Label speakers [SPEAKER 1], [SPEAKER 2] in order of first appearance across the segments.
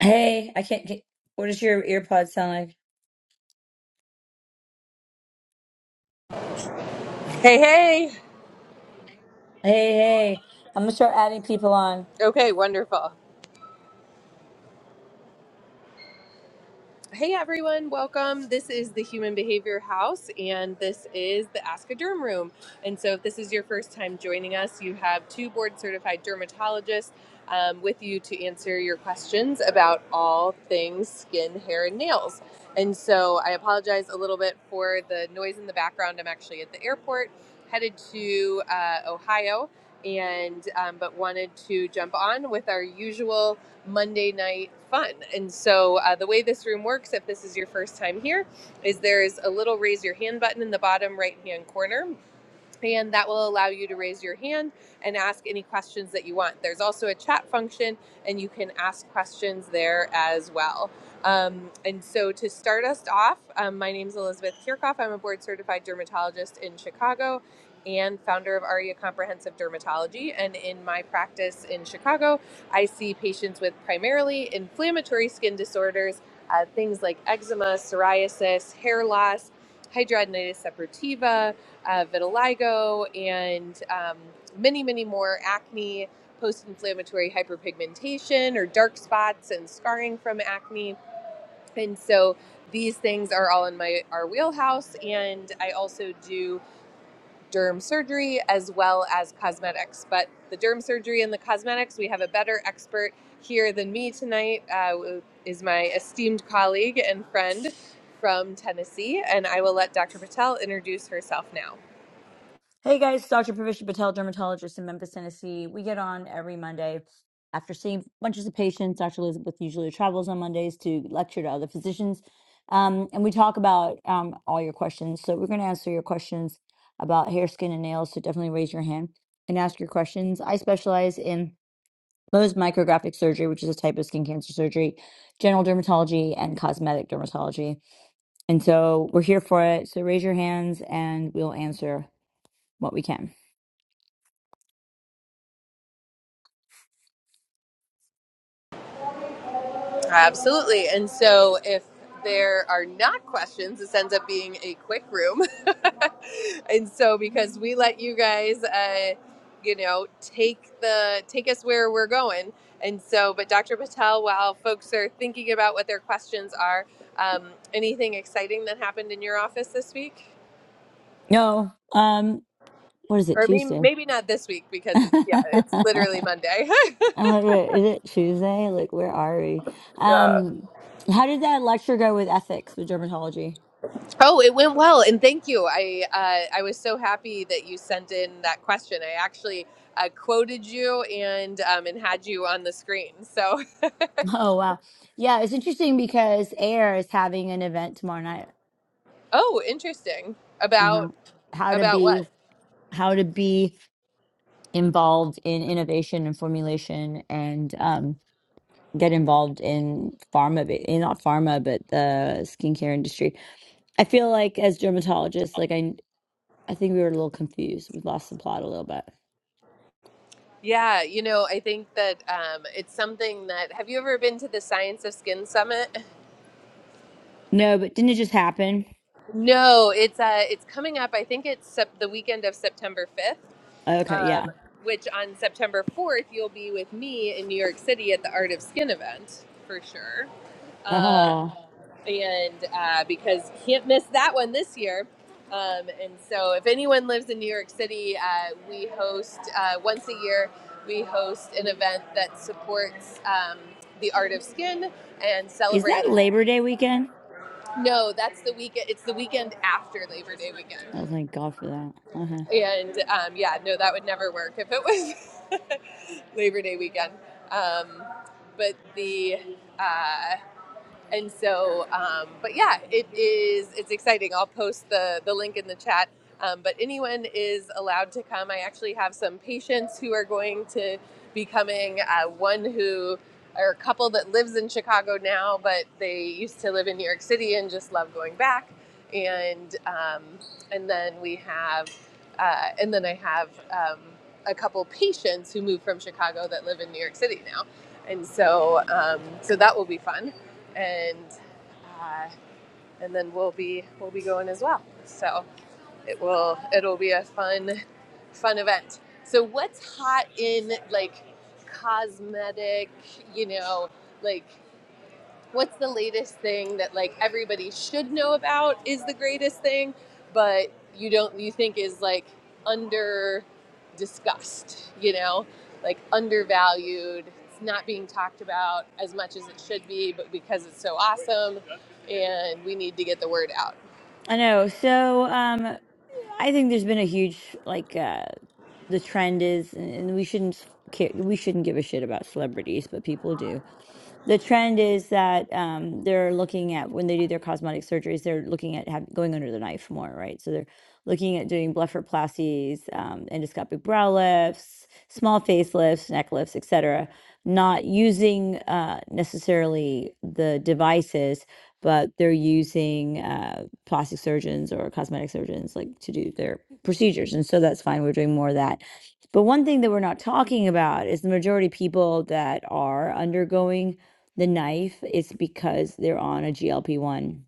[SPEAKER 1] Hey, I can't get. What does your earpod sound like?
[SPEAKER 2] Hey, hey.
[SPEAKER 1] Hey, hey. I'm gonna start adding people on.
[SPEAKER 2] Okay, wonderful. Hey, everyone. Welcome. This is the Human Behavior House, and this is the Ask a Derm Room. And so, if this is your first time joining us, you have two board certified dermatologists um, with you to answer your questions about all things skin, hair, and nails. And so, I apologize a little bit for the noise in the background. I'm actually at the airport headed to uh, Ohio. And um, but wanted to jump on with our usual Monday night fun. And so, uh, the way this room works, if this is your first time here, is there's a little raise your hand button in the bottom right hand corner and that will allow you to raise your hand and ask any questions that you want. There's also a chat function, and you can ask questions there as well. Um, and so, to start us off, um, my name is Elizabeth Kirchhoff. I'm a board certified dermatologist in Chicago and founder of ARIA Comprehensive Dermatology. And in my practice in Chicago, I see patients with primarily inflammatory skin disorders, uh, things like eczema, psoriasis, hair loss, hidradenitis suppurativa uh, vitiligo, and um, many, many more acne, post inflammatory hyperpigmentation, or dark spots and scarring from acne. And so these things are all in my our wheelhouse. And I also do derm surgery as well as cosmetics. But the derm surgery and the cosmetics, we have a better expert here than me tonight, uh, is my esteemed colleague and friend from Tennessee. And I will let Dr. Patel introduce herself now.
[SPEAKER 1] Hey guys, Dr. Pravisha Patel, dermatologist in Memphis, Tennessee. We get on every Monday after seeing bunches of patients. Dr. Elizabeth usually travels on Mondays to lecture to other physicians. Um, and we talk about um, all your questions. So we're gonna answer your questions about hair, skin, and nails. So definitely raise your hand and ask your questions. I specialize in Mohs micrographic surgery, which is a type of skin cancer surgery, general dermatology, and cosmetic dermatology. And so we're here for it. So raise your hands and we'll answer what we can.
[SPEAKER 2] Absolutely. And so if there are not questions, this ends up being a quick room. and so because we let you guys, uh, you know, take the take us where we're going. And so, but Dr. Patel, while folks are thinking about what their questions are, um, anything exciting that happened in your office this week?
[SPEAKER 1] No, um, what is it,
[SPEAKER 2] Or I mean,
[SPEAKER 1] Tuesday?
[SPEAKER 2] maybe not this week because
[SPEAKER 1] I'm
[SPEAKER 2] it's, yeah, it's literally Monday.
[SPEAKER 1] like, wait, is it Tuesday? Like, where are we?
[SPEAKER 2] yeah.
[SPEAKER 1] Um, how did that lecture go with ethics with dermatology?
[SPEAKER 2] Oh, it went well, and thank you. I uh, I was so happy that you sent in that question. I actually uh, quoted you and um, and had you on the screen. So,
[SPEAKER 1] Oh, wow. Yeah, it's interesting because AIR is having an event tomorrow night.
[SPEAKER 2] oh, interesting about
[SPEAKER 1] Uh-huh. How to
[SPEAKER 2] about
[SPEAKER 1] be,
[SPEAKER 2] what?
[SPEAKER 1] how to be involved in innovation and formulation and um, get involved in pharma, ba- eh, not pharma, but the skincare industry. I feel like as dermatologists, like I, I think we were a little confused. We lost the plot a little bit.
[SPEAKER 2] Yeah, you know, I think that um, it's something that. Have you ever been to the Science of Skin Summit?
[SPEAKER 1] No, but didn't it just happen?
[SPEAKER 2] No, it's uh, it's coming up. I think it's sep- the weekend of September fifth.
[SPEAKER 1] Okay, yeah.
[SPEAKER 2] Um, which on September 4th, you'll be with me in New York City at the Art of Skin event for sure. Um,
[SPEAKER 1] Oh,
[SPEAKER 2] and uh, because can't miss that one this year. Um, and so, if anyone lives in New York City, uh, we host uh, once a year. We host an event that supports um, the art of skin and
[SPEAKER 1] is
[SPEAKER 2] celebrates.
[SPEAKER 1] that Labor Day weekend?
[SPEAKER 2] No, that's the weekend. It's the weekend after Labor Day weekend.
[SPEAKER 1] Oh, thank God for that. Uh-huh.
[SPEAKER 2] And um, yeah, no, that would never work if it was Labor Day weekend. Um, but the uh, And so, um, but yeah, it is. It's exciting. I'll post the the link in the chat. Um, but anyone is allowed to come. I actually have some patients who are going to be coming. Uh, one who or a couple that lives in Chicago now, but they used to live in New York City and just love going back. And um, and then we have, uh, and then I have um, a couple patients who moved from Chicago that live in New York City now. And so, um, so that will be fun and uh, and then we'll be we'll be going as well. So it will it'll be a fun fun event. So what's hot in like cosmetic, you know, like what's the latest thing that like everybody should know about is the greatest thing, but you don't you think is like under discussed, you know, like undervalued. It's not being talked about as much as it should be, but because it's so awesome and we need to get the word out.
[SPEAKER 1] I know. So, um, I think there's been a huge like uh the trend is, and we shouldn't care, we shouldn't give a shit about celebrities, but people do The trend is that um, they're looking at when they do their cosmetic surgeries, they're looking at have, going under the knife more, right? So they're looking at doing blepharoplasties, um, endoscopic brow lifts, small facelifts, neck lifts, etc. Not using uh, necessarily the devices, but they're using uh, plastic surgeons or cosmetic surgeons like to do their procedures, and so that's fine. We're doing more of that. But one thing that we're not talking about is the majority of people that are undergoing the knife, it's because they're on a GLP one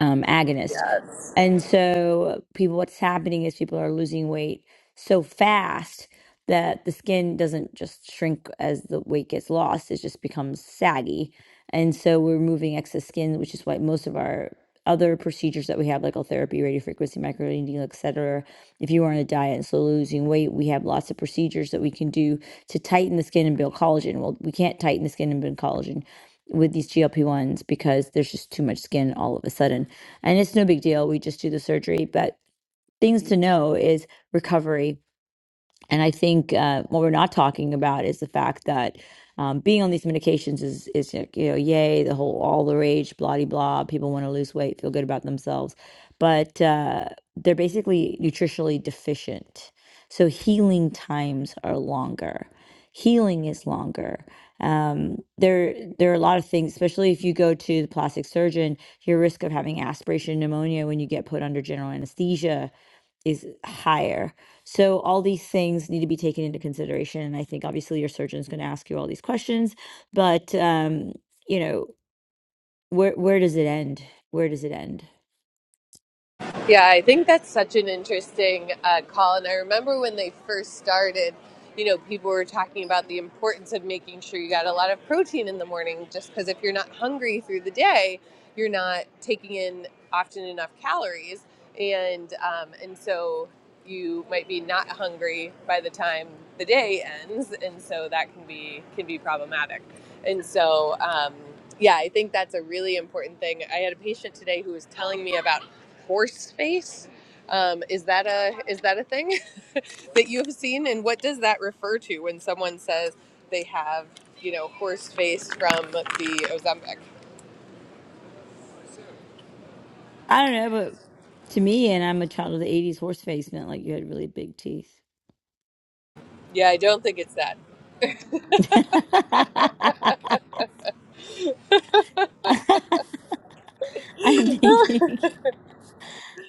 [SPEAKER 1] um, agonist.
[SPEAKER 2] Yes.
[SPEAKER 1] And so people what's happening is people are losing weight so fast that the skin doesn't just shrink as the weight gets lost, it just becomes saggy. And so we're removing excess skin, which is why most of our other procedures that we have, like therapy, radiofrequency, microneedling, et cetera, if you are on a diet and slowly losing weight, we have lots of procedures that we can do to tighten the skin and build collagen. Well, we can't tighten the skin and build collagen with these GLP-1s because there's just too much skin all of a sudden. And it's no big deal. We just do the surgery. But things to know is recovery and I think uh, what we're not talking about is the fact that um, being on these medications is is you know yay the whole all the rage blah de blah people want to lose weight feel good about themselves, but uh, they're basically nutritionally deficient. So healing times are longer. Healing is longer. Um, there there are a lot of things, especially if you go to the plastic surgeon, your risk of having aspiration pneumonia when you get put under general anesthesia is higher. So all these things need to be taken into consideration. And I think obviously your surgeon's going to ask you all these questions, but um, you know, where where does it end? Where does it end?
[SPEAKER 2] Yeah, I think that's such an interesting uh, call. And I remember when they first started, you know, people were talking about the importance of making sure you got a lot of protein in the morning, just because if you're not hungry through the day, you're not taking in often enough calories. And, um, and so you might be not hungry by the time the day ends. And so that can be, can be problematic. And so, um, yeah, I think that's a really important thing. I had a patient today who was telling me about horse face. Um, is that a is that a thing that you have seen, and what does that refer to when someone says they have you know horse face from the Ozempic?
[SPEAKER 1] I don't know, but to me, and I'm a child of the '80s, horse face meant like you had really big teeth.
[SPEAKER 2] Yeah, I don't think it's that.
[SPEAKER 1] I'm thinking,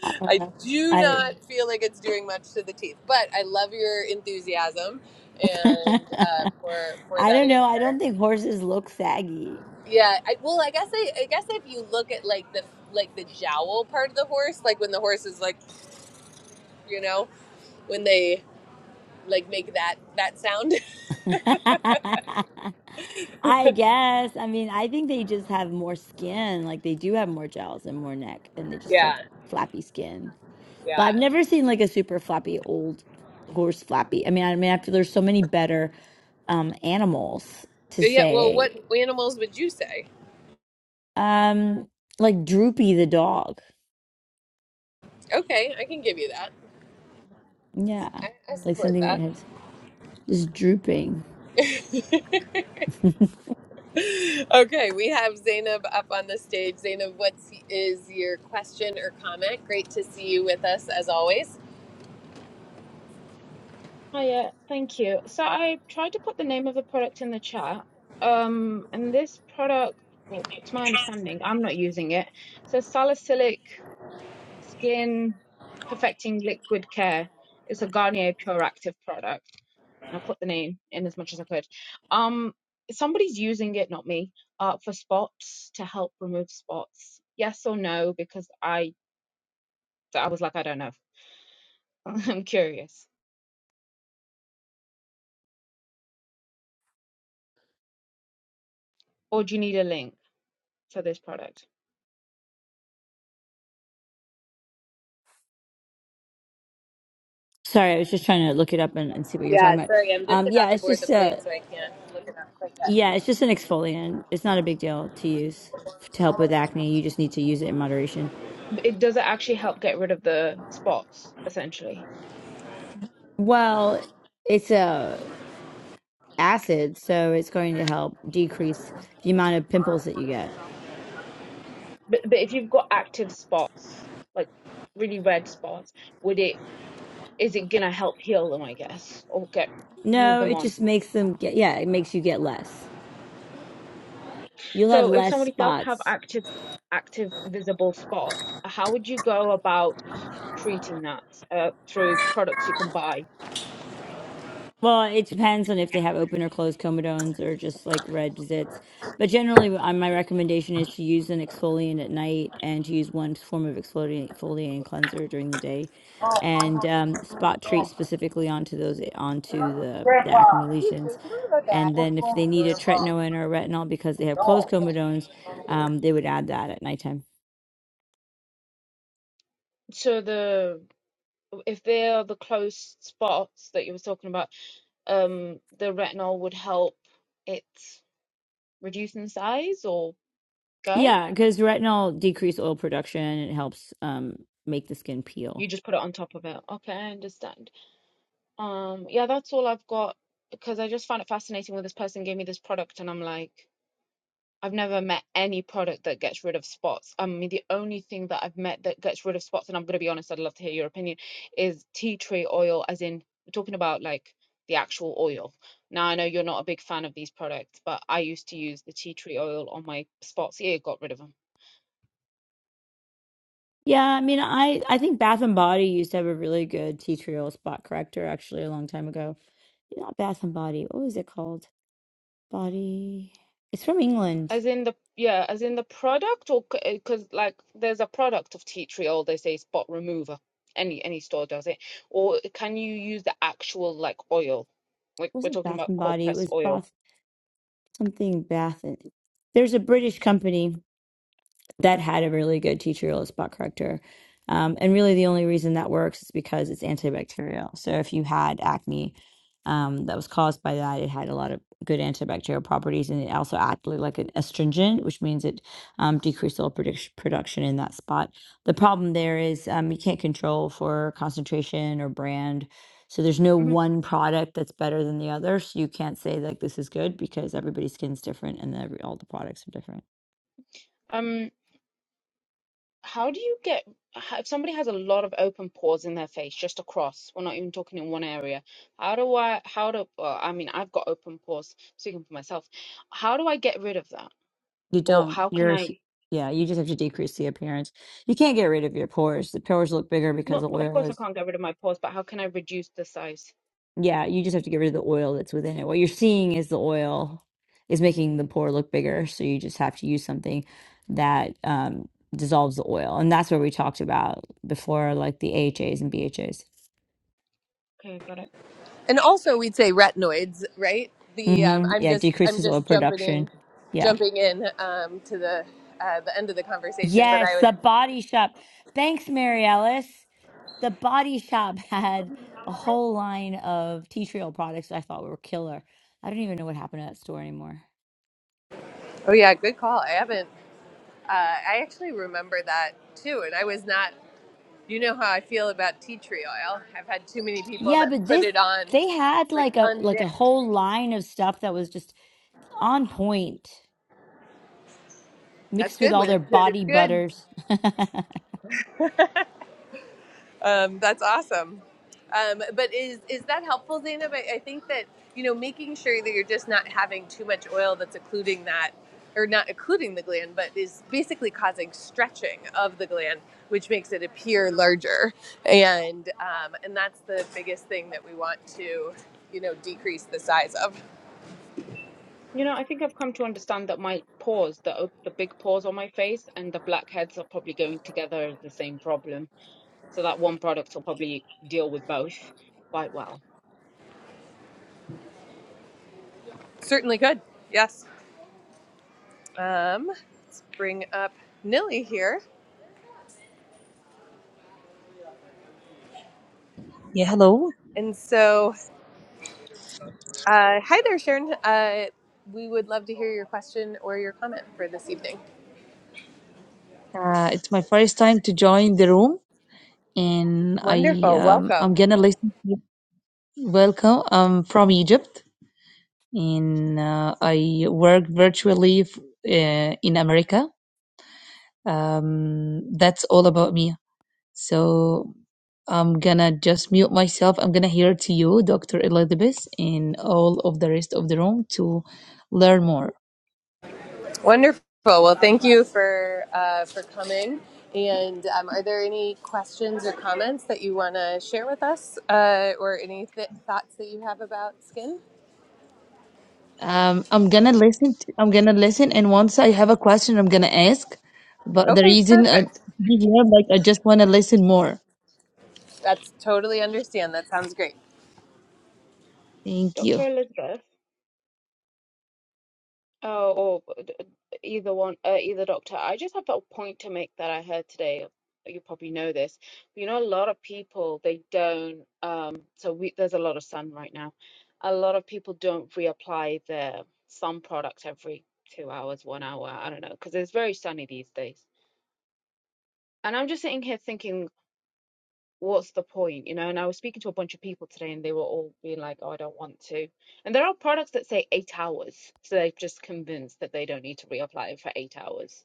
[SPEAKER 1] I don't
[SPEAKER 2] I
[SPEAKER 1] know.
[SPEAKER 2] do
[SPEAKER 1] I
[SPEAKER 2] not feel like it's doing much to the teeth, but I love your enthusiasm and uh, for for
[SPEAKER 1] I
[SPEAKER 2] that
[SPEAKER 1] don't know. I don't
[SPEAKER 2] answer.
[SPEAKER 1] think horses look saggy.
[SPEAKER 2] Yeah, I, well, I guess I, I guess if you look at like the like the jowl part of the horse, like when the horse is like you know when they like make that that sound.
[SPEAKER 1] I guess. I mean, I think they just have more skin. Like they do have more jowls and more neck, and they just have
[SPEAKER 2] Yeah,
[SPEAKER 1] flappy skin. But I've
[SPEAKER 2] yeah.
[SPEAKER 1] never seen like a super flappy old horse flappy. I mean, I mean, I feel there's so many better um animals to
[SPEAKER 2] yeah. Well,
[SPEAKER 1] say.
[SPEAKER 2] what animals would you say?
[SPEAKER 1] Um, like Droopy the dog.
[SPEAKER 2] Okay, I can give you that.
[SPEAKER 1] Yeah,
[SPEAKER 2] I, I
[SPEAKER 1] like
[SPEAKER 2] support
[SPEAKER 1] something that
[SPEAKER 2] that.
[SPEAKER 1] has just drooping.
[SPEAKER 2] okay, we have Zainab up on the stage. Zainab, what is your question or comment? Great to see you with us as always.
[SPEAKER 3] Hiya, thank you. So I tried to put the name of the product in the chat. Um, and this product, well, to my understanding, I'm not using it. So salicylic skin perfecting liquid care is a Garnier Pure Active product. And I put the name in as much as I could. Um, somebody's using it, not me, uh, for spots to help remove spots. Yes or no? Because I, I was like, I don't know. I'm curious. Or do you need a link for this product?
[SPEAKER 1] Sorry, I was just trying to look it up and, and see what you're
[SPEAKER 2] Yeah,
[SPEAKER 1] talking about.
[SPEAKER 2] sorry, I'm just
[SPEAKER 1] Um,
[SPEAKER 2] about
[SPEAKER 1] yeah,
[SPEAKER 2] to
[SPEAKER 1] it's
[SPEAKER 2] board the
[SPEAKER 1] just
[SPEAKER 2] plane,
[SPEAKER 1] uh
[SPEAKER 2] so I can't look it up like that.
[SPEAKER 1] Yeah, it's just an exfoliant. It's not a big deal to use f- to help with acne. You just need to use it in moderation.
[SPEAKER 3] It does it actually help get rid of the spots, essentially.
[SPEAKER 1] Well, it's a acid, so it's going to help decrease the amount of pimples that you get.
[SPEAKER 3] But but if you've got active spots, like really red spots, would it is it gonna help heal them, I guess, or get move
[SPEAKER 1] No,
[SPEAKER 3] them
[SPEAKER 1] it
[SPEAKER 3] on?
[SPEAKER 1] just makes them get, yeah, it makes you get less. You'll have
[SPEAKER 3] So if
[SPEAKER 1] less
[SPEAKER 3] somebody does have
[SPEAKER 1] spots.
[SPEAKER 3] active active visible spots, how would you go about treating that uh, through products you can buy?
[SPEAKER 1] Well, it depends on if they have open or closed comedones or just like red zits. But generally, uh, my recommendation is to use an exfoliant at night and to use one form of exfoliant, exfoliant cleanser during the day, and um, spot treat specifically onto those eh, onto the, the
[SPEAKER 2] Grandpa,
[SPEAKER 1] acne
[SPEAKER 2] excuse me,
[SPEAKER 1] lesions.
[SPEAKER 2] can we look at?
[SPEAKER 1] And
[SPEAKER 2] What's
[SPEAKER 1] then if
[SPEAKER 2] wrong
[SPEAKER 1] they
[SPEAKER 2] with
[SPEAKER 1] need a
[SPEAKER 2] Grandpa?
[SPEAKER 1] tretinoin or a retinol because they have closed
[SPEAKER 2] No.
[SPEAKER 1] comedones, um, they would add that at nighttime.
[SPEAKER 3] So the if they are the close spots that you were talking about, um the retinol would help it reduce in size or go.
[SPEAKER 1] Yeah, because retinol decrease oil production and it helps um, make the skin peel.
[SPEAKER 3] You just put it on top of it. Okay, I understand. Um, yeah, that's all I've got because I just found it fascinating when this person gave me this product and I'm like, I've never met any product that gets rid of spots. I mean, the only thing that I've met that gets rid of spots, and I'm going to be honest, I'd love to hear your opinion, is tea tree oil, as in, we're talking about like the actual oil. Now, I know you're not a big fan of these products, but I used to use the tea tree oil on my spots. Yeah, it got rid of them.
[SPEAKER 1] Yeah, I mean, I I think Bath and Body used to have a really good tea tree oil spot corrector actually a long time ago. Not Bath and Body. What was it called? Body. It's from England. It
[SPEAKER 3] As in the yeah, as in the product, or because like there's a product of tea tree oil. They say spot remover. Any any store does it. Or can you use the actual like oil? We're, we're
[SPEAKER 1] wasn't
[SPEAKER 3] talking
[SPEAKER 1] Bath
[SPEAKER 3] about
[SPEAKER 1] and
[SPEAKER 3] cold
[SPEAKER 1] Body. It
[SPEAKER 3] press
[SPEAKER 1] was
[SPEAKER 3] oil.
[SPEAKER 1] Bath something Bath. and- There's a British company. that had a really good teacher spot corrector. Um, and really, the only reason that works is because it's antibacterial. So if you had acne um, that was caused by that, it had a lot of good antibacterial properties, and it also acted like an astringent, which means it um, decreased oil produc- production in that spot. The problem there is um, you can't control for concentration or brand so there's no
[SPEAKER 3] Mhm.
[SPEAKER 1] one product that's better than the other. So you can't say like this is good because everybody's skin's different and every all the products are different.
[SPEAKER 3] Um, How do you get h- if somebody has a lot of open pores in their face, just across, we're not even talking in one area. How do I, how do, well, I mean, I've got open pores, speaking for myself. How do I get rid of that?
[SPEAKER 1] You
[SPEAKER 3] Or
[SPEAKER 1] don't.
[SPEAKER 3] how can
[SPEAKER 1] You're s-
[SPEAKER 3] I,
[SPEAKER 1] yeah. You just have to decrease the appearance. You can't get rid of your pores. The pores look bigger because
[SPEAKER 3] not,
[SPEAKER 1] the
[SPEAKER 3] of
[SPEAKER 1] oil
[SPEAKER 3] course, I
[SPEAKER 1] is
[SPEAKER 3] can't get rid of my pores, but how can I reduce the size?
[SPEAKER 1] Yeah, you just have to get rid of the oil that's within it. What you're seeing is the oil is making the pore look bigger, so you just have to use something that um, dissolves the oil, and that's what we talked about before, like the AHAs and BHAs.
[SPEAKER 3] Okay, got it.
[SPEAKER 2] and also we'd say retinoids, right? The um,
[SPEAKER 1] Mm-hmm.
[SPEAKER 2] I'm
[SPEAKER 1] Yeah,
[SPEAKER 2] just I'm
[SPEAKER 1] decreases oil
[SPEAKER 2] just jumping
[SPEAKER 1] production.
[SPEAKER 2] in,
[SPEAKER 1] Yeah.
[SPEAKER 2] jumping in um, to the uh, the end of the conversation. But I
[SPEAKER 1] Yes,
[SPEAKER 2] would.
[SPEAKER 1] the Body Shop. Thanks, Mary Ellis. The Body Shop had a whole line of tea tree oil products that I thought were killer. I don't even know what happened to that store anymore.
[SPEAKER 2] Oh yeah, good call. I haven't. Uh, I actually remember that too, and I was not. You know how I feel about tea tree oil. I've had too many people
[SPEAKER 1] Yeah,
[SPEAKER 2] that
[SPEAKER 1] but
[SPEAKER 2] put
[SPEAKER 1] this
[SPEAKER 2] it on
[SPEAKER 1] they had
[SPEAKER 2] like
[SPEAKER 1] like a like a
[SPEAKER 2] unmixed.
[SPEAKER 1] whole line of stuff that was just on point,
[SPEAKER 2] That's
[SPEAKER 1] mixed with
[SPEAKER 2] good
[SPEAKER 1] all
[SPEAKER 2] when
[SPEAKER 1] their
[SPEAKER 2] it's good. It's
[SPEAKER 1] body
[SPEAKER 2] good.
[SPEAKER 1] butters.
[SPEAKER 2] Um, that's awesome. Um, but is is that helpful, Zainab? I, I think that you know making sure that you're just not having too much oil that's occluding that, or not occluding the gland, but is basically causing stretching of the gland, which makes it appear larger, and um, and that's the biggest thing that we want to you know decrease the size of.
[SPEAKER 3] You know, I think I've come to understand that my pores, the op- the big pores on my face and the blackheads are probably going together as the same problem. So that one product will probably deal with both quite well.
[SPEAKER 2] Certainly could. Yes. Um, let's bring up Nilly here,
[SPEAKER 4] Yeah, hello.
[SPEAKER 2] and so. Uh, hi there, Sharon. Uh, we would love to hear your question or your comment for this evening.
[SPEAKER 4] Uh, it's my first time to join the room, and I
[SPEAKER 2] Wonderful.
[SPEAKER 4] um, I'm
[SPEAKER 2] Welcome.
[SPEAKER 4] gonna listen. To you. Welcome. I'm from Egypt, and uh, I work virtually f- uh, in America. Um, that's all about me. So I'm gonna just mute myself. I'm gonna hear to you, Dr. Elizabeth, and all of the rest of the room to learn more.
[SPEAKER 2] Wonderful. Well, thank you for uh, for coming. And um, are there any questions or comments that you want to share with us, uh, or any th- thoughts that you have about skin?
[SPEAKER 4] Um, I'm gonna listen to, I'm gonna listen and once I have a question, I'm gonna ask. But the
[SPEAKER 2] Okay,
[SPEAKER 4] reason I
[SPEAKER 2] perfect.
[SPEAKER 4] be here, like I just wanna listen more.
[SPEAKER 2] That's totally understand. That sounds great.
[SPEAKER 4] Thank you.
[SPEAKER 3] Dr. Elizabeth. Oh, or b- d- d- either one, uh, either doctor. I just have a point to make that I heard today. You probably know this. You know, a lot of people they don't. Um, so we there's a lot of sun right now. A lot of people don't reapply their sun products every two hours, one hour. I don't know, because it's very sunny these days. And I'm just sitting here thinking what's the point, you know? And I was speaking to a bunch of people today, and they were all being like, "Oh, I don't want to." And there are products that say eight hours, so they're just convinced that they don't need to reapply for eight hours.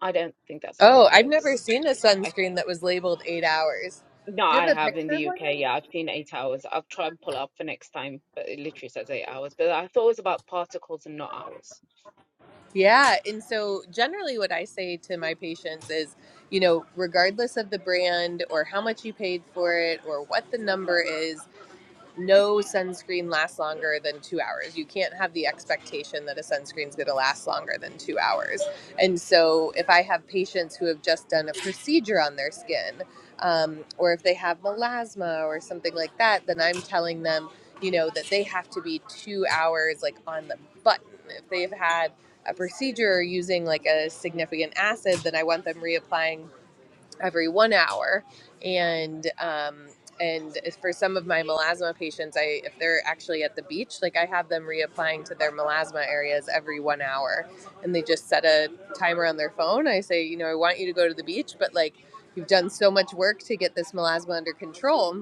[SPEAKER 3] I don't think that's how
[SPEAKER 2] Oh,
[SPEAKER 3] it
[SPEAKER 2] I've never
[SPEAKER 3] goes.
[SPEAKER 2] seen a
[SPEAKER 3] I
[SPEAKER 2] sunscreen
[SPEAKER 3] think
[SPEAKER 2] that was labeled eight hours.
[SPEAKER 3] no,
[SPEAKER 2] Do you
[SPEAKER 3] I
[SPEAKER 2] have a
[SPEAKER 3] have in
[SPEAKER 2] picture
[SPEAKER 3] the
[SPEAKER 2] of
[SPEAKER 3] UK.
[SPEAKER 2] one?
[SPEAKER 3] Yeah, I've seen eight hours. I'll try and pull up for next time, but it literally says eight hours. But I thought it was about particles and not hours.
[SPEAKER 2] Yeah. And so, generally, what I say to my patients is, you know, regardless of the brand or how much you paid for it or what the number is, no sunscreen lasts longer than two hours. You can't have the expectation that a sunscreen is going to last longer than two hours. And so, if I have patients who have just done a procedure on their skin, um, or if they have melasma or something like that, then I'm telling them, you know, that they have to be two hours like on the button. If they've had a procedure using like a significant acid, then I want them reapplying every one hour and um and if- for some of my melasma patients i if they're actually at the beach like i have them reapplying to their melasma areas every one hour and they just set a timer on their phone i say you know i want you to go to the beach but like you've done so much work to get this melasma under control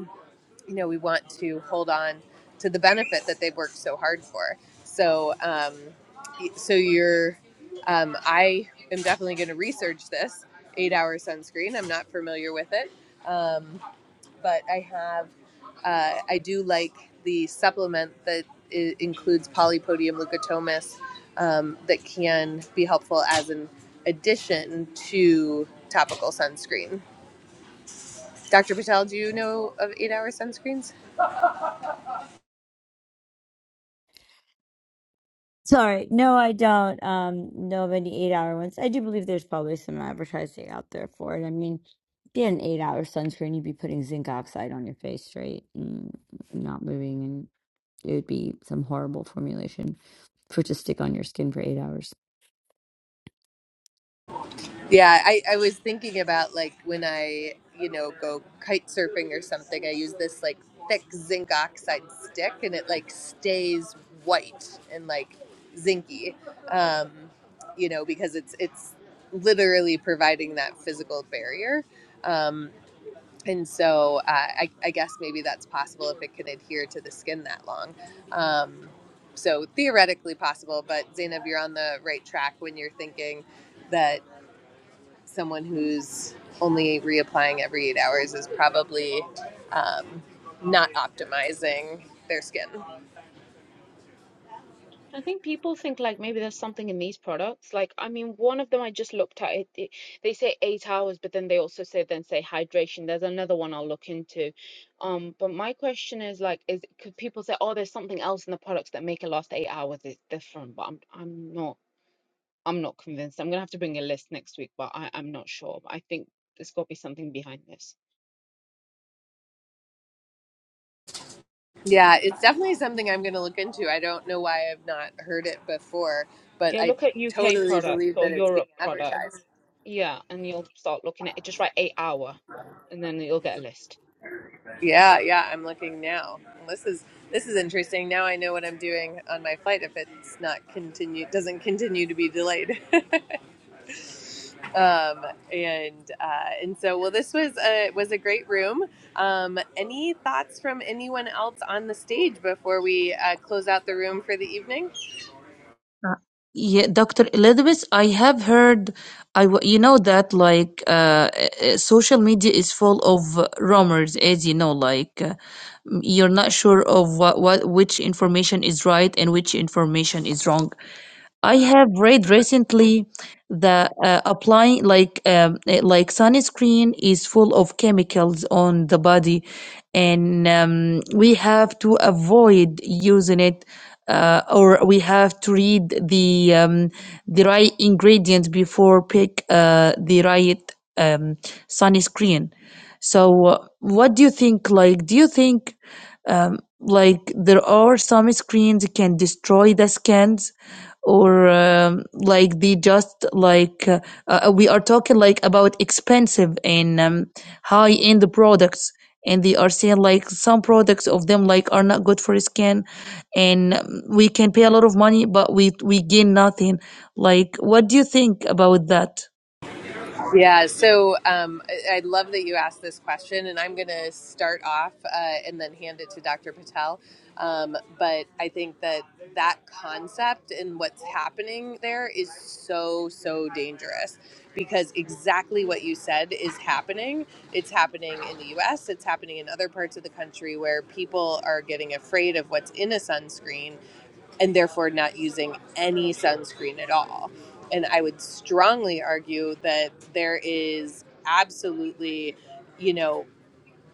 [SPEAKER 2] you know, we want to hold on to the benefit that they've worked so hard for. So, um, so you're, um, I am definitely going to research this eight hour sunscreen. I'm not familiar with it. Um, but I have, uh, I do like the supplement that i- includes polypodium leucotomus um, that can be helpful as an addition to topical sunscreen. Dr. Patel, do you know of eight hour sunscreens?
[SPEAKER 1] Sorry, no, I don't um know of any eight hour ones. I do believe there's probably some advertising out there for it. I mean, if an eight hour sunscreen, you'd be putting zinc oxide on your face straight and not moving, and it would be some horrible formulation for it to stick on your skin for eight hours.
[SPEAKER 2] Yeah, I, I was thinking about like when I, you know, go kite surfing or something, I use this like thick zinc oxide stick and it like stays white and like zinky. Um, you know, because it's it's literally providing that physical barrier. Um, and so uh, I, I guess maybe that's possible if it can adhere to the skin that long. Um, so theoretically possible, but Zainab, you're on the right track when you're thinking that someone who's only reapplying every eight hours is probably um, not optimizing their skin.
[SPEAKER 3] I think people think like maybe there's something in these products. Like, I mean, one of them I just looked at it, it they say eight hours, but then they also say then say hydration. There's another one I'll look into. Um, but my question is like, is could people say, oh, there's something else in the products that make it last eight hours? It's different, but I'm I'm not I'm not convinced. I'm gonna have to bring a list next week, but I, I'm not sure. But I think there's got to be something behind this.
[SPEAKER 2] Yeah, it's definitely something I'm going to look into. I don't know why I've not heard it before, but
[SPEAKER 3] Yeah,
[SPEAKER 2] I
[SPEAKER 3] look at UK
[SPEAKER 2] totally
[SPEAKER 3] products
[SPEAKER 2] believe that
[SPEAKER 3] or
[SPEAKER 2] it's being
[SPEAKER 3] Europe product.
[SPEAKER 2] advertised.
[SPEAKER 3] Yeah, and you'll start looking at it. Just write eight hour, and then you'll get a list.
[SPEAKER 2] Yeah, yeah, I'm looking now. This is this is interesting. Now I know what I'm doing on my flight if it's not continue doesn't continue to be delayed. um, and uh, and so well, this was a was a great room. Um, any thoughts from anyone else on the stage before we uh, close out the room for the evening?
[SPEAKER 4] Uh, yeah, Dr. Elizabeth, I have heard, I w- you know that like uh, uh, social media is full of rumors, as you know, like uh, m- you're not sure of what, what which information is right and which information is wrong. I have read recently that uh, applying like um, eh, like sunscreen is full of chemicals on the body, and um, we have to avoid using it, uh, or we have to read the um, the right ingredients before pick uh, the right um, sunscreen. So, uh, what do you think? Like, do you think um, like there are some screens can destroy the skins? or um, like they just like uh, uh, we are talking like about expensive and um, high end products and they are saying like some products of them like are not good for skin and um, we can pay a lot of money but we we gain nothing like what do you think about that
[SPEAKER 2] Yeah, so um, I I love that you asked this question, and I'm going to start off uh, and then hand it to Dr. Patel. Um, but I think that that concept and what's happening there is so, so dangerous because exactly what you said is happening. It's happening in the US, it's happening in other parts of the country where people are getting afraid of what's in a sunscreen and therefore not using any sunscreen at all. And I would strongly argue that there is absolutely, you know,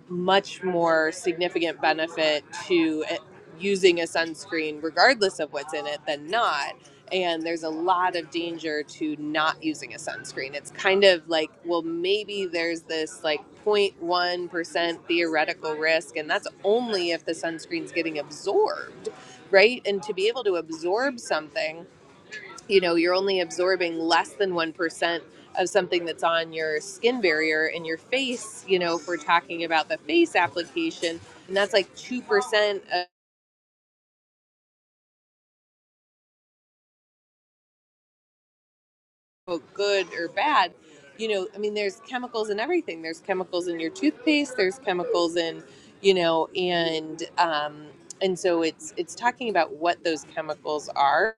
[SPEAKER 2] much more significant benefit to eh, using a sunscreen, regardless of what's in it, than not. And there's a lot of danger to not using a sunscreen. It's kind of like, well, maybe there's this like 0.1% theoretical risk, and that's only if the sunscreen's getting absorbed, right? And to be able to absorb something you know you're only absorbing less than 1% of something that's on your skin barrier and your face you know if we're talking about the face application and that's like 2% of quote, good or bad you know i mean there's chemicals in everything there's chemicals in your toothpaste there's chemicals in you know and um and so it's it's talking about what those chemicals are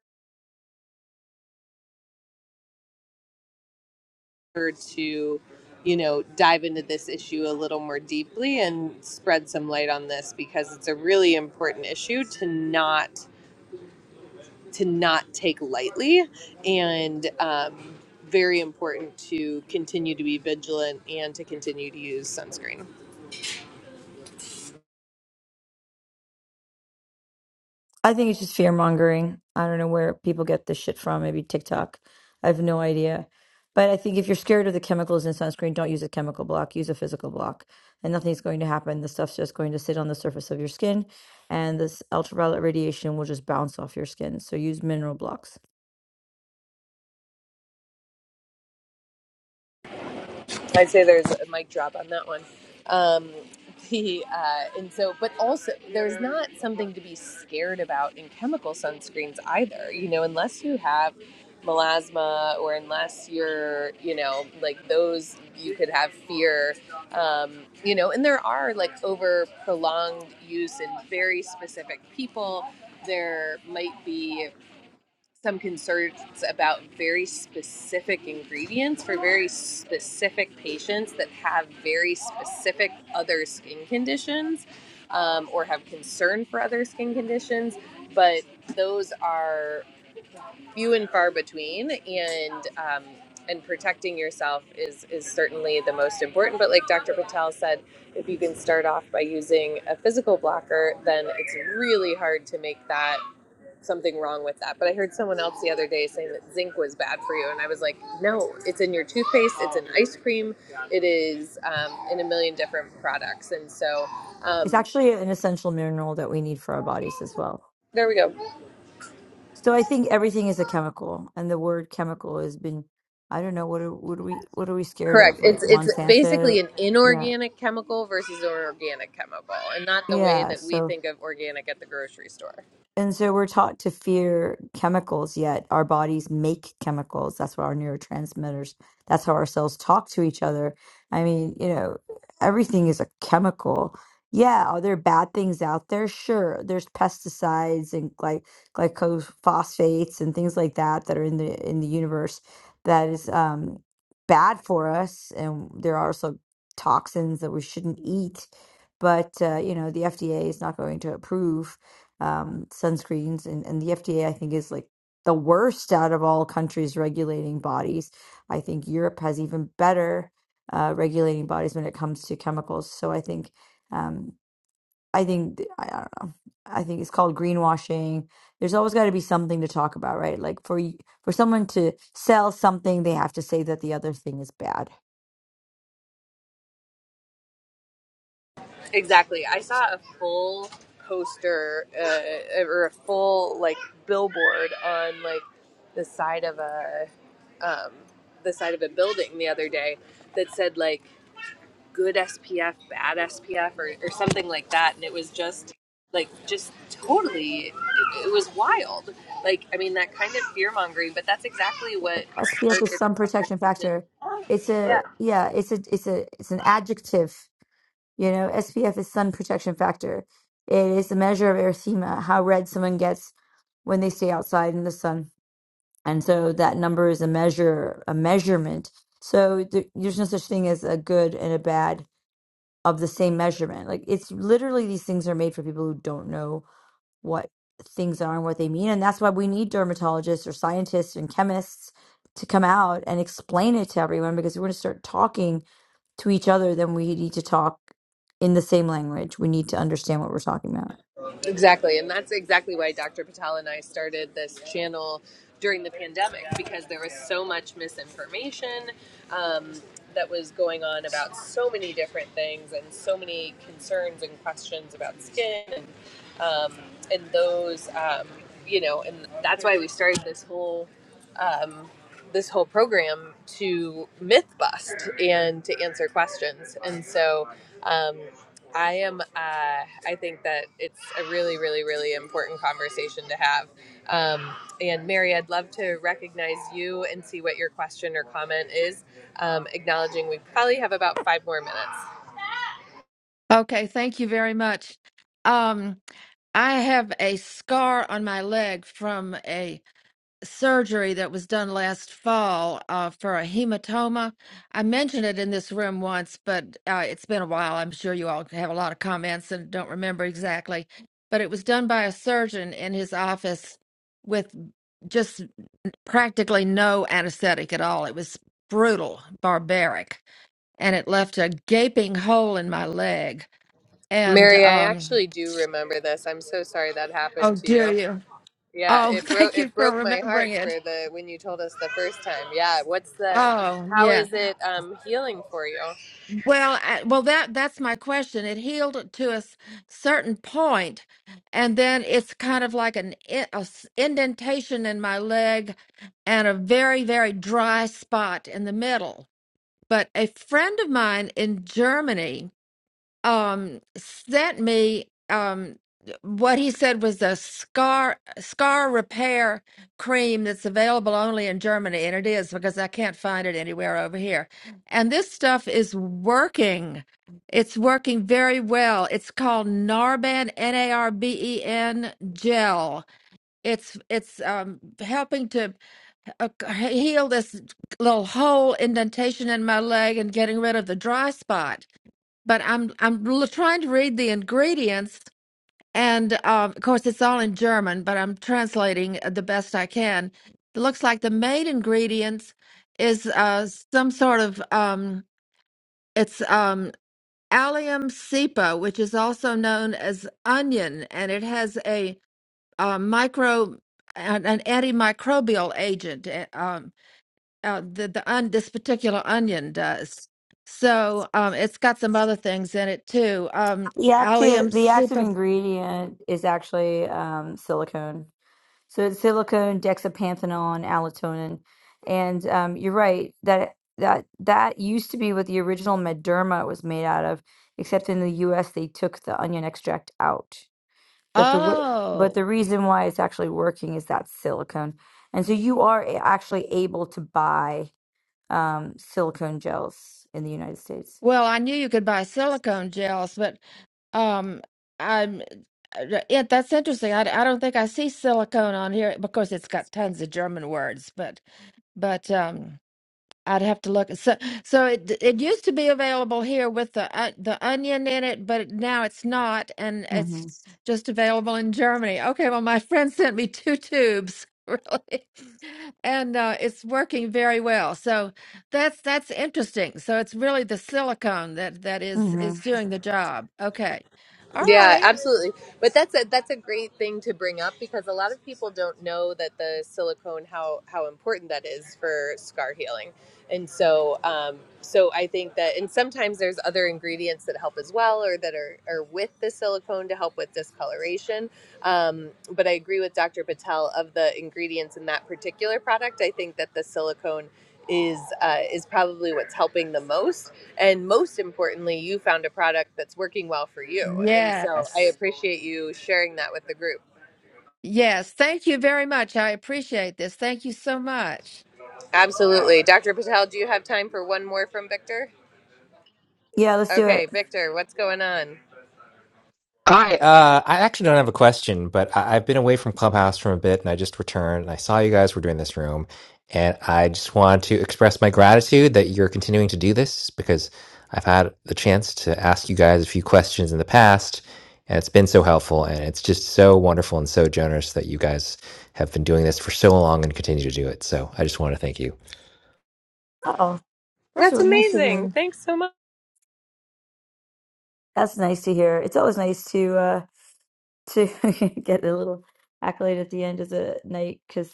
[SPEAKER 2] to, you know, dive into this issue a little more deeply and spread some light on this because it's a really important issue to not to not take lightly and um, very important to continue to be vigilant and to continue to use sunscreen.
[SPEAKER 1] I think it's just fear mongering. I don't know where people get this shit from. Maybe TikTok. I have no idea. But I think if you're scared of the chemicals in sunscreen, don't use a chemical block. Use a physical block, and nothing's going to happen. The stuff's just going to sit on the surface of your skin, and this ultraviolet radiation will just bounce off your skin. So use mineral blocks.
[SPEAKER 2] I'd say there's a mic drop on that one. Um, the uh, and so, but also there's not something to be scared about in chemical sunscreens either. You know, unless you have melasma or unless you're, you know, like those, you could have fear. Um, you know, and there are like over prolonged use in very specific people. There might be some concerns about very specific ingredients for very specific patients that have very specific other skin conditions um, or have concern for other skin conditions. But those are few and far between, and um, and protecting yourself is is certainly the most important. But like Dr. Patel said, if you can start off by using a physical blocker, then it's really hard to make that something wrong with that. But I heard someone else the other day saying that zinc was bad for you, and I was like, no, it's in your toothpaste, it's in ice cream, it is um, in a million different products, and so.
[SPEAKER 1] It's
[SPEAKER 2] Um,
[SPEAKER 1] actually an essential mineral that we need for our bodies as well.
[SPEAKER 2] there we go.
[SPEAKER 1] So I think everything is a chemical, and the word chemical has been, I don't know, what are, what are we what are we scared
[SPEAKER 2] Correct.
[SPEAKER 1] of? Like
[SPEAKER 2] It's it's
[SPEAKER 1] Monsanto,
[SPEAKER 2] basically an
[SPEAKER 1] yeah
[SPEAKER 2] inorganic chemical versus an organic chemical, and not the way
[SPEAKER 1] Yeah,
[SPEAKER 2] that we
[SPEAKER 1] so
[SPEAKER 2] think of organic at the grocery store.
[SPEAKER 1] and so we're taught to fear chemicals, yet our bodies make chemicals. That's what our neurotransmitters, that's how our cells talk to each other. I mean, you know, everything is a chemical. Yeah, are there bad things out there? Sure. There's pesticides and like glycophosphates and things like that that are in the in the universe that is um bad for us and there are also toxins that we shouldn't eat. But uh, you know, the FDA is not going to approve um, sunscreens, and, and the FDA, I think, is like the worst out of all countries regulating bodies. I think Europe has even better uh, regulating bodies when it comes to chemicals. So I think, um, I think, I, I don't know. I think it's called greenwashing. There's always got to be something to talk about, right? Like for y- for someone to sell something, they have to say that the other thing is bad.
[SPEAKER 2] Exactly. I saw a full poster uh, or a full like billboard on like the side of a um, the side of a building the other day that said like good SPF, bad SPF, or, or something like that, and it was just like just totally it, it was wild. Like I mean that kind of fear mongering, but that's exactly what
[SPEAKER 1] SPF
[SPEAKER 2] started
[SPEAKER 1] is
[SPEAKER 2] the
[SPEAKER 1] sun protection
[SPEAKER 2] conversation.
[SPEAKER 1] factor. It's
[SPEAKER 2] Yeah.
[SPEAKER 1] a yeah. It's a it's a it's an adjective You know, SPF is sun protection factor. It is a measure of erythema, how red someone gets when they stay outside in the sun. And so that number is a measure, a measurement. So there, there's no such thing as a good and a bad of the same measurement. Like it's literally these things are made for people who don't know what things are and what they mean. And that's why we need dermatologists or scientists and chemists to come out and explain it to everyone because we're going to start talking to each other, then we need to talk in the same language. We need to understand what we're talking about.
[SPEAKER 2] Exactly. And that's exactly why Dr. Patel and I started this channel during the pandemic because there was so much misinformation um, that was going on about so many different things and so many concerns and questions about skin and, um, and those, um, you know, and that's why we started this whole um, this whole program to myth bust and to answer questions. And so um, I am, uh, I think that it's a really, really, really important conversation to have. Um, and Mary, I'd love to recognize you and see what your question or comment is, um, acknowledging we probably have about five more minutes.
[SPEAKER 5] Okay, thank you very much. Um, I have a scar on my leg from a surgery that was done last fall uh, for a hematoma. I mentioned it in this room once, but uh, it's been a while. I'm sure you all have a lot of comments and don't remember exactly. But it was done by a surgeon in his office with just practically no anesthetic at all. It was brutal, barbaric, and it left a gaping hole in my leg and
[SPEAKER 2] Mary, I
[SPEAKER 5] um
[SPEAKER 2] actually do remember this. I'm so sorry that
[SPEAKER 5] oh
[SPEAKER 2] happened to
[SPEAKER 5] do
[SPEAKER 2] you.
[SPEAKER 5] you
[SPEAKER 2] Yeah,
[SPEAKER 5] oh
[SPEAKER 2] it broke
[SPEAKER 5] thank you
[SPEAKER 2] it
[SPEAKER 5] for
[SPEAKER 2] broke my heart
[SPEAKER 5] remembering
[SPEAKER 2] for
[SPEAKER 5] it
[SPEAKER 2] the when you told us the first time. Yeah, what's the
[SPEAKER 5] oh
[SPEAKER 2] how
[SPEAKER 5] yeah
[SPEAKER 2] is it um healing for you?
[SPEAKER 5] well I, well that that's my question it healed to a s- certain point and then it's kind of like an in- indentation in my leg and a very very dry spot in the middle but a friend of mine in germany um sent me um what he said was a scar scar repair cream that's available only in Germany and it is because I can't find it anywhere over here. And this stuff is working. It's working very well. It's called Narban N A R B E N gel. It's it's um helping to uh, heal this little hole indentation in my leg and getting rid of the dry spot but I'm I'm l- trying to read the ingredients, and um, of course it's all in German, but I'm translating uh, the best I can. It looks like the main ingredients is uh, some sort of um, it's um, allium cepa, which is also known as onion, and it has a uh, micro an, an antimicrobial agent. uh, Um, uh, the the on this particular onion does. So um, it's got some other things in it too. Um,
[SPEAKER 1] The
[SPEAKER 5] allium
[SPEAKER 1] active, the active
[SPEAKER 5] super.
[SPEAKER 1] ingredient is actually um, silicone. So it's silicone, dexapanthenone, allotonin, and um, you're right that that that used to be what the original Mederma was made out of, except in the U.S. they took the onion extract out. But the wo- but
[SPEAKER 5] Oh,
[SPEAKER 1] the reason why it's actually working is that silicone, and so you are a- actually able to buy um, silicone gels in the United States.
[SPEAKER 5] well, I knew you could buy silicone gels, but um, I'm. uh, Yeah, that's interesting. I, I don't think I see silicone on here. because it's got tons of German words, but but um, I'd have to look. So, so it it used to be available here with the uh, the onion in it, but now it's not, and
[SPEAKER 1] hmm
[SPEAKER 5] it's just available in Germany. Okay, well, my friend sent me two tubes, really, and uh, it's working very well. So that's that's interesting. So it's really the silicone that that is
[SPEAKER 1] hmm
[SPEAKER 5] is doing the job. Okay, all
[SPEAKER 2] Yeah,
[SPEAKER 5] right.
[SPEAKER 2] absolutely. But that's a that's a great thing to bring up because a lot of people don't know that the silicone how how important that is for scar healing. And so um so I think that and sometimes there's other ingredients that help as well or that are are with the silicone to help with discoloration. Um but I agree with Dr. Patel of the ingredients in that particular product. I think that the silicone is uh, is probably what's helping the most and most importantly you found a product that's working well for you and so i
[SPEAKER 5] Yes,
[SPEAKER 2] appreciate you sharing that with the group
[SPEAKER 5] yes. Thank you very much. I appreciate this. Thank you so much.
[SPEAKER 2] absolutely dr patel do you have time for one more from victor
[SPEAKER 1] Yeah, let's do
[SPEAKER 2] okay
[SPEAKER 1] it.
[SPEAKER 2] victor what's going on
[SPEAKER 6] Hi, uh, I actually don't have a question, but I- I've been away from Clubhouse for a bit and I just returned and I saw you guys were doing this room. And I just want to express my gratitude that you're continuing to do this because I've had the chance to ask you guys a few questions in the past and it's been so helpful. And it's just so wonderful and so generous that you guys have been doing this for so long and continue to do it. So I just want to thank you.
[SPEAKER 1] Oh, that's
[SPEAKER 2] that's
[SPEAKER 1] really nice to
[SPEAKER 2] amazing
[SPEAKER 1] hear.
[SPEAKER 2] thanks so much
[SPEAKER 1] That's nice to hear. It's always nice to. uh, to get a little accolade at the end of the night because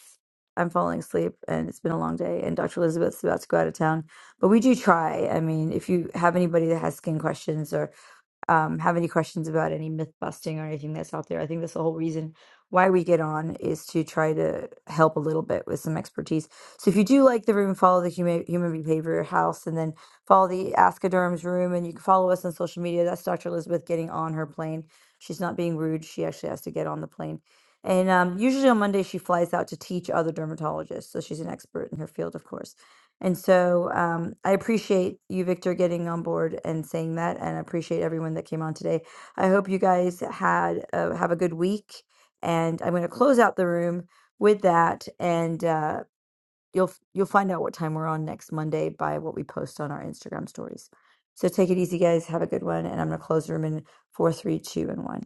[SPEAKER 1] I'm falling asleep and it's been a long day. And Dr. Elizabeth's about to go out of town, but we do try. I mean, if you have anybody that has skin questions um, have any questions about any myth busting or anything that's out there. I think that's the whole reason why we get on is to try to help a little bit with some expertise. So if you do like the room, follow the human human behavior house, and then follow the Ask a Durham's room, and you can follow us on social media. That's Dr. Elizabeth getting on her plane. She's not being rude. She actually has to get on the plane. And um, usually on Monday, she flies out to teach other dermatologists. So she's an expert in her field, of course. And so um, I appreciate you, Victor, getting on board and saying that, and I appreciate everyone that came on today. I hope you guys had uh, have a good week, and I'm going to close out the room with that, and uh, you'll f- you'll find out what time we're on next Monday by what we post on our Instagram stories. So take it easy, guys. Have a good one, and I'm going to close the room in four, three, two, and one.